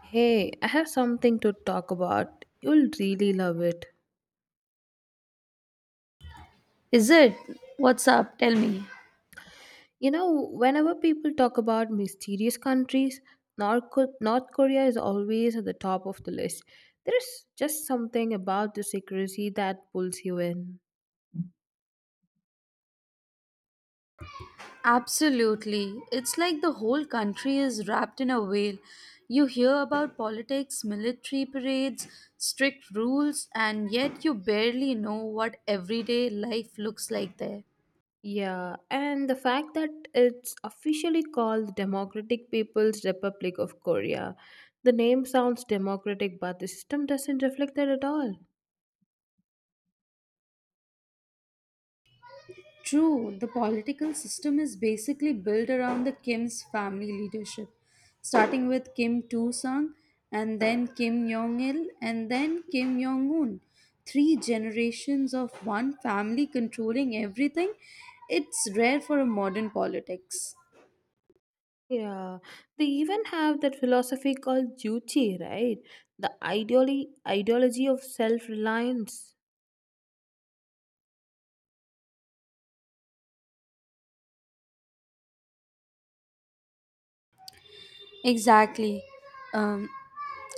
Hey, I have something to talk about. You'll really love it. Is it? What's up? Tell me. You know, whenever people talk about mysterious countries, North Korea is always at the top of the list. There is just something about the secrecy that pulls you in. Absolutely. It's like the whole country is wrapped in a veil. You hear about politics, military parades, strict rules, and yet you barely know what everyday life looks like there. Yeah, and the fact that it's officially called the Democratic People's Republic of Korea. The name sounds democratic, but the system doesn't reflect that at all. True, the political system is basically built around the Kim's family leadership, starting with Kim Tu Sung, and then Kim Jong Il, and then Kim Jong Un. Three generations of one family controlling everything. It's rare for a modern politics. Yeah, they even have that philosophy called Juche, right? The ideology of self-reliance. Exactly. Um,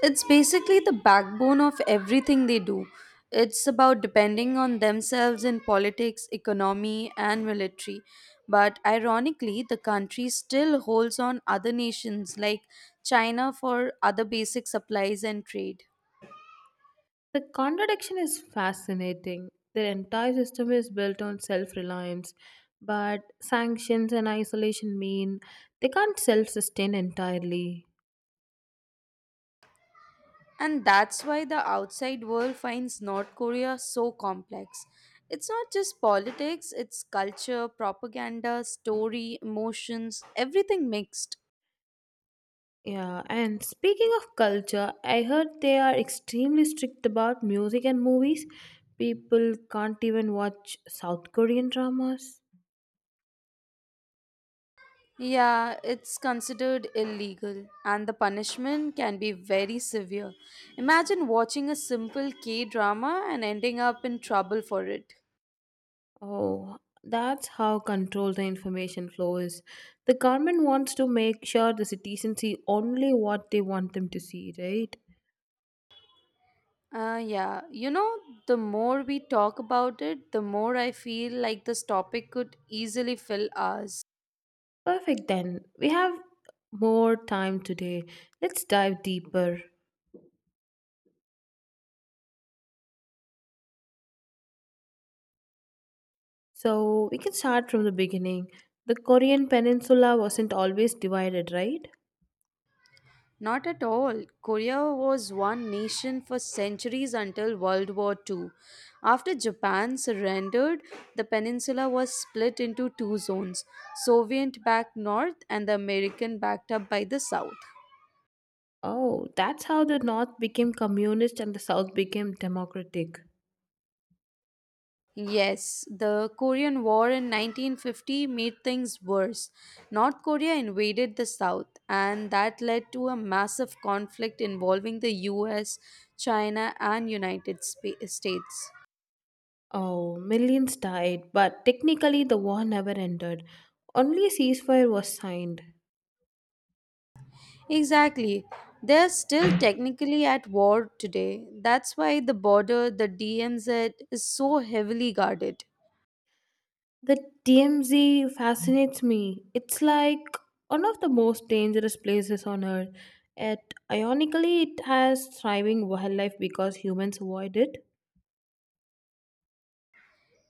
it's basically the backbone of everything they do. It's about depending on themselves in politics, economy, and military. But ironically, the country still holds on other nations like China for other basic supplies and trade. The contradiction is fascinating. Their entire system is built on self-reliance, but sanctions and isolation mean they can't self-sustain entirely. And that's why the outside world finds North Korea so complex. It's not just politics, it's culture, propaganda, story, emotions, everything mixed. Yeah, and speaking of culture, I heard they are extremely strict about music and movies. People can't even watch South Korean dramas. Yeah, it's considered illegal, and the punishment can be very severe. Imagine watching a simple K drama and ending up in trouble for it. Oh, that's how controlled the information flow is. The government wants to make sure the citizens see only what they want them to see, right? Yeah, the more we talk about it, the more I feel like this topic could easily fill hours. Perfect, then. We have more time today. Let's dive deeper. So, we can start from the beginning. The Korean peninsula wasn't always divided, right? Not at all. Korea was one nation for centuries until World War II. After Japan surrendered, the peninsula was split into two zones, Soviet backed north and the American backed up by the south. Oh, that's how the North became communist and the South became democratic. Yes, the Korean War in 1950 made things worse. North Korea invaded the South, and that led to a massive conflict involving the US, China, and States. Oh, millions died, but technically the war never ended. Only a ceasefire was signed. Exactly. They're still technically at war today. That's why the border, the DMZ, is so heavily guarded. The DMZ fascinates me. It's like one of the most dangerous places on earth. Yet, ironically, it has thriving wildlife because humans avoid it.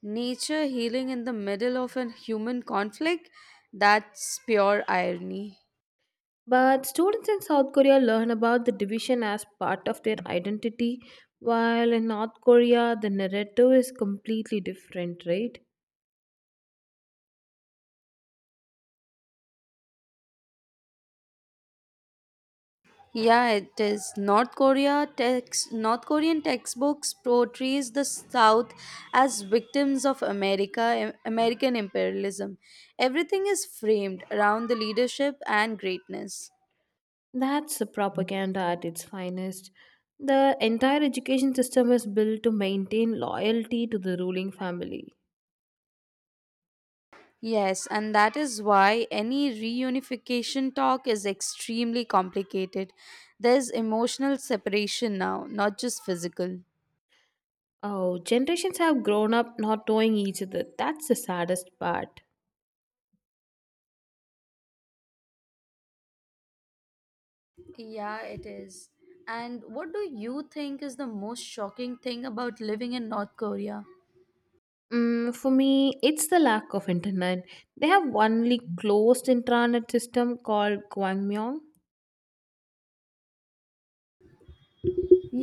Nature healing in the middle of a human conflict? That's pure irony. But students in South Korea learn about the division as part of their identity, while in North Korea, the narrative is completely different, right? Yeah, it is. North Korean textbooks portrays the South as victims of America, American imperialism. Everything is framed around the leadership and greatness. That's the propaganda at its finest. The entire education system is built to maintain loyalty to the ruling family. Yes, and that is why any reunification talk is extremely complicated. There's emotional separation now, not just physical. Oh, generations have grown up not knowing each other. That's the saddest part. Yeah, it is. And what do you think is the most shocking thing about living in North Korea? Mm, for me, it's the lack of internet. They have only closed intranet system called Gwangmyeong.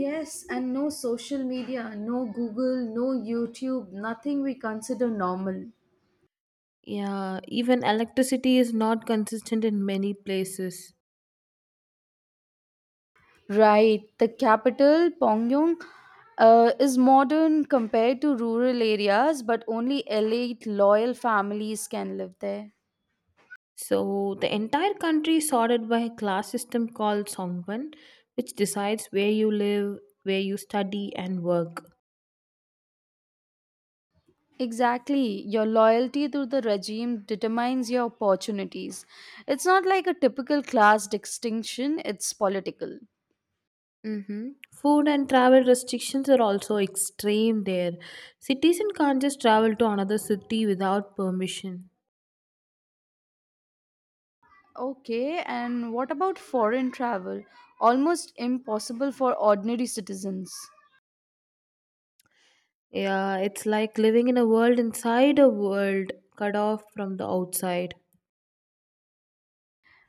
Yes, and no social media, no Google, no YouTube, nothing we consider normal. Yeah, even electricity is not consistent in many places. Right. The capital, Pyongyang, is modern compared to rural areas, but only elite, loyal families can live there. So the entire country is sorted by a class system called Songban, which decides where you live, where you study and work. Exactly. Your loyalty to the regime determines your opportunities. It's not like a typical class distinction, it's political. Mhm. Food and travel restrictions are also extreme there. Citizen can't just travel to another city without permission. Okay, and what about foreign travel? Almost impossible for ordinary citizens. Yeah, it's like living in a world inside a world, cut off from the outside.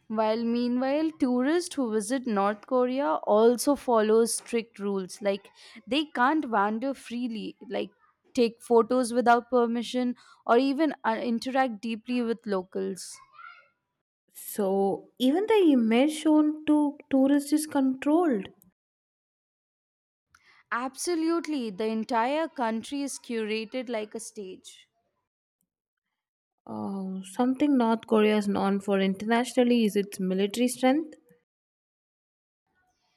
While meanwhile, tourists who visit North Korea also follow strict rules. Like they can't wander freely, like take photos without permission, or even interact deeply with locals. So even the image shown to tourists is controlled. Absolutely, the entire country is curated like a stage. Something North Korea is known for internationally is its military strength.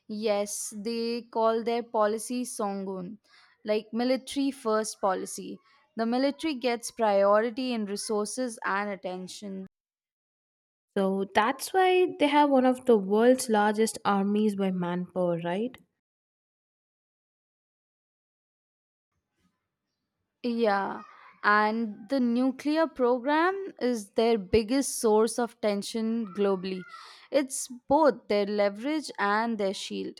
Yes, they call their policy Songun, like military first policy. The military gets priority in resources and attention. So that's why they have one of the world's largest armies by manpower, right? Yeah, and the nuclear program is their biggest source of tension globally. It's both their leverage and their shield.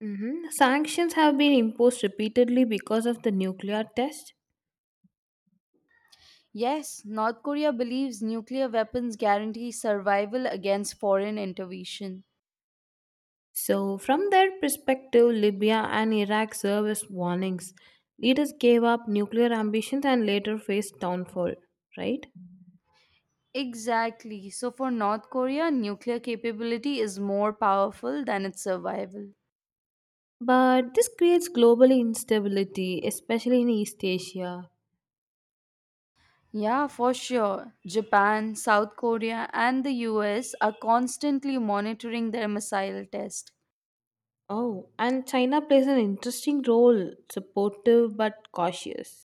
Sanctions have been imposed repeatedly because of the nuclear test. Yes, North Korea believes nuclear weapons guarantee survival against foreign intervention. So, from their perspective, Libya and Iraq serve as warnings. Leaders gave up nuclear ambitions and later faced downfall, right? Exactly. So for North Korea, nuclear capability is more powerful than its survival. But this creates global instability, especially in East Asia. Yeah, for sure. Japan, South Korea, and the US are constantly monitoring their missile test. Oh, and China plays an interesting role, supportive but cautious.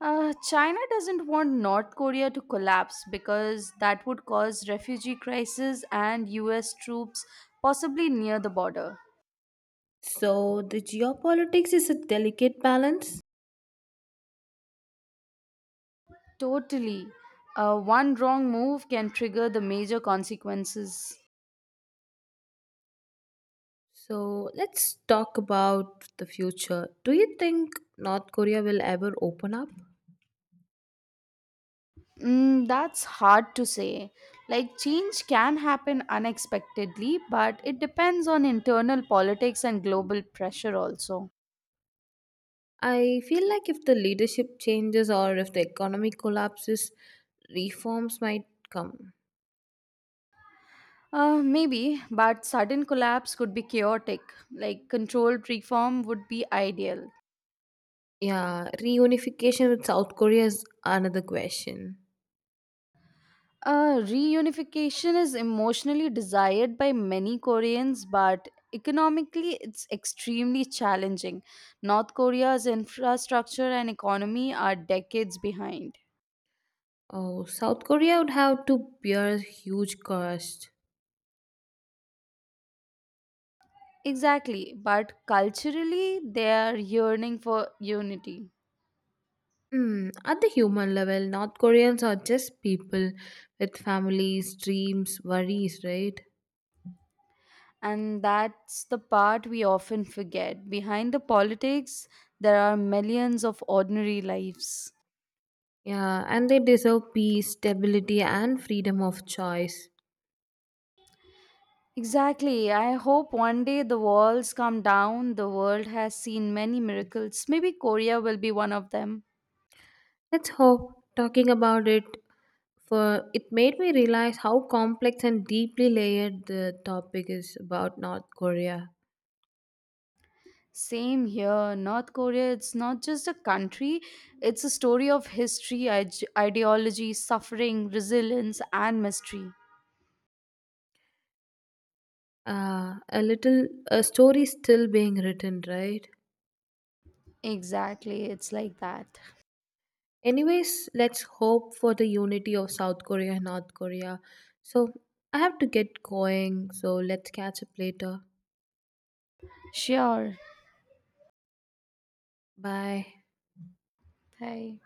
China doesn't want North Korea to collapse because that would cause refugee crisis and US troops possibly near the border. So, the geopolitics is a delicate balance. Totally. One wrong move can trigger the major consequences. So, let's talk about the future. Do you think North Korea will ever open up? Mm, that's hard to say. Like, change can happen unexpectedly, but it depends on internal politics and global pressure also. I feel like if the leadership changes or if the economy collapses, reforms might come. Maybe, but sudden collapse could be chaotic. Like, controlled reform would be ideal. Yeah, reunification with South Korea is another question. Reunification is emotionally desired by many Koreans, but economically it's extremely challenging. North Korea's infrastructure and economy are decades behind. Oh, South Korea would have to bear huge cost. Exactly, but culturally they are yearning for unity. Hmm. At the human level, North Koreans are just people with families, dreams, worries, right? And that's the part we often forget. Behind the politics, there are millions of ordinary lives. Yeah, and they deserve peace, stability, and freedom of choice. Exactly. I hope one day the walls come down. The world has seen many miracles. Maybe Korea will be one of them. Let's hope talking about it for it made me realize how complex and deeply layered the topic is about North Korea. Same here. North Korea, it's not just a country, it's a story of history, ideology, suffering, resilience, and mystery. A little a story still being written, right? Exactly. It's like that. Anyways, let's hope for the unity of South Korea and North Korea. So I have to get going, so let's catch up later. Sure. Bye. Bye.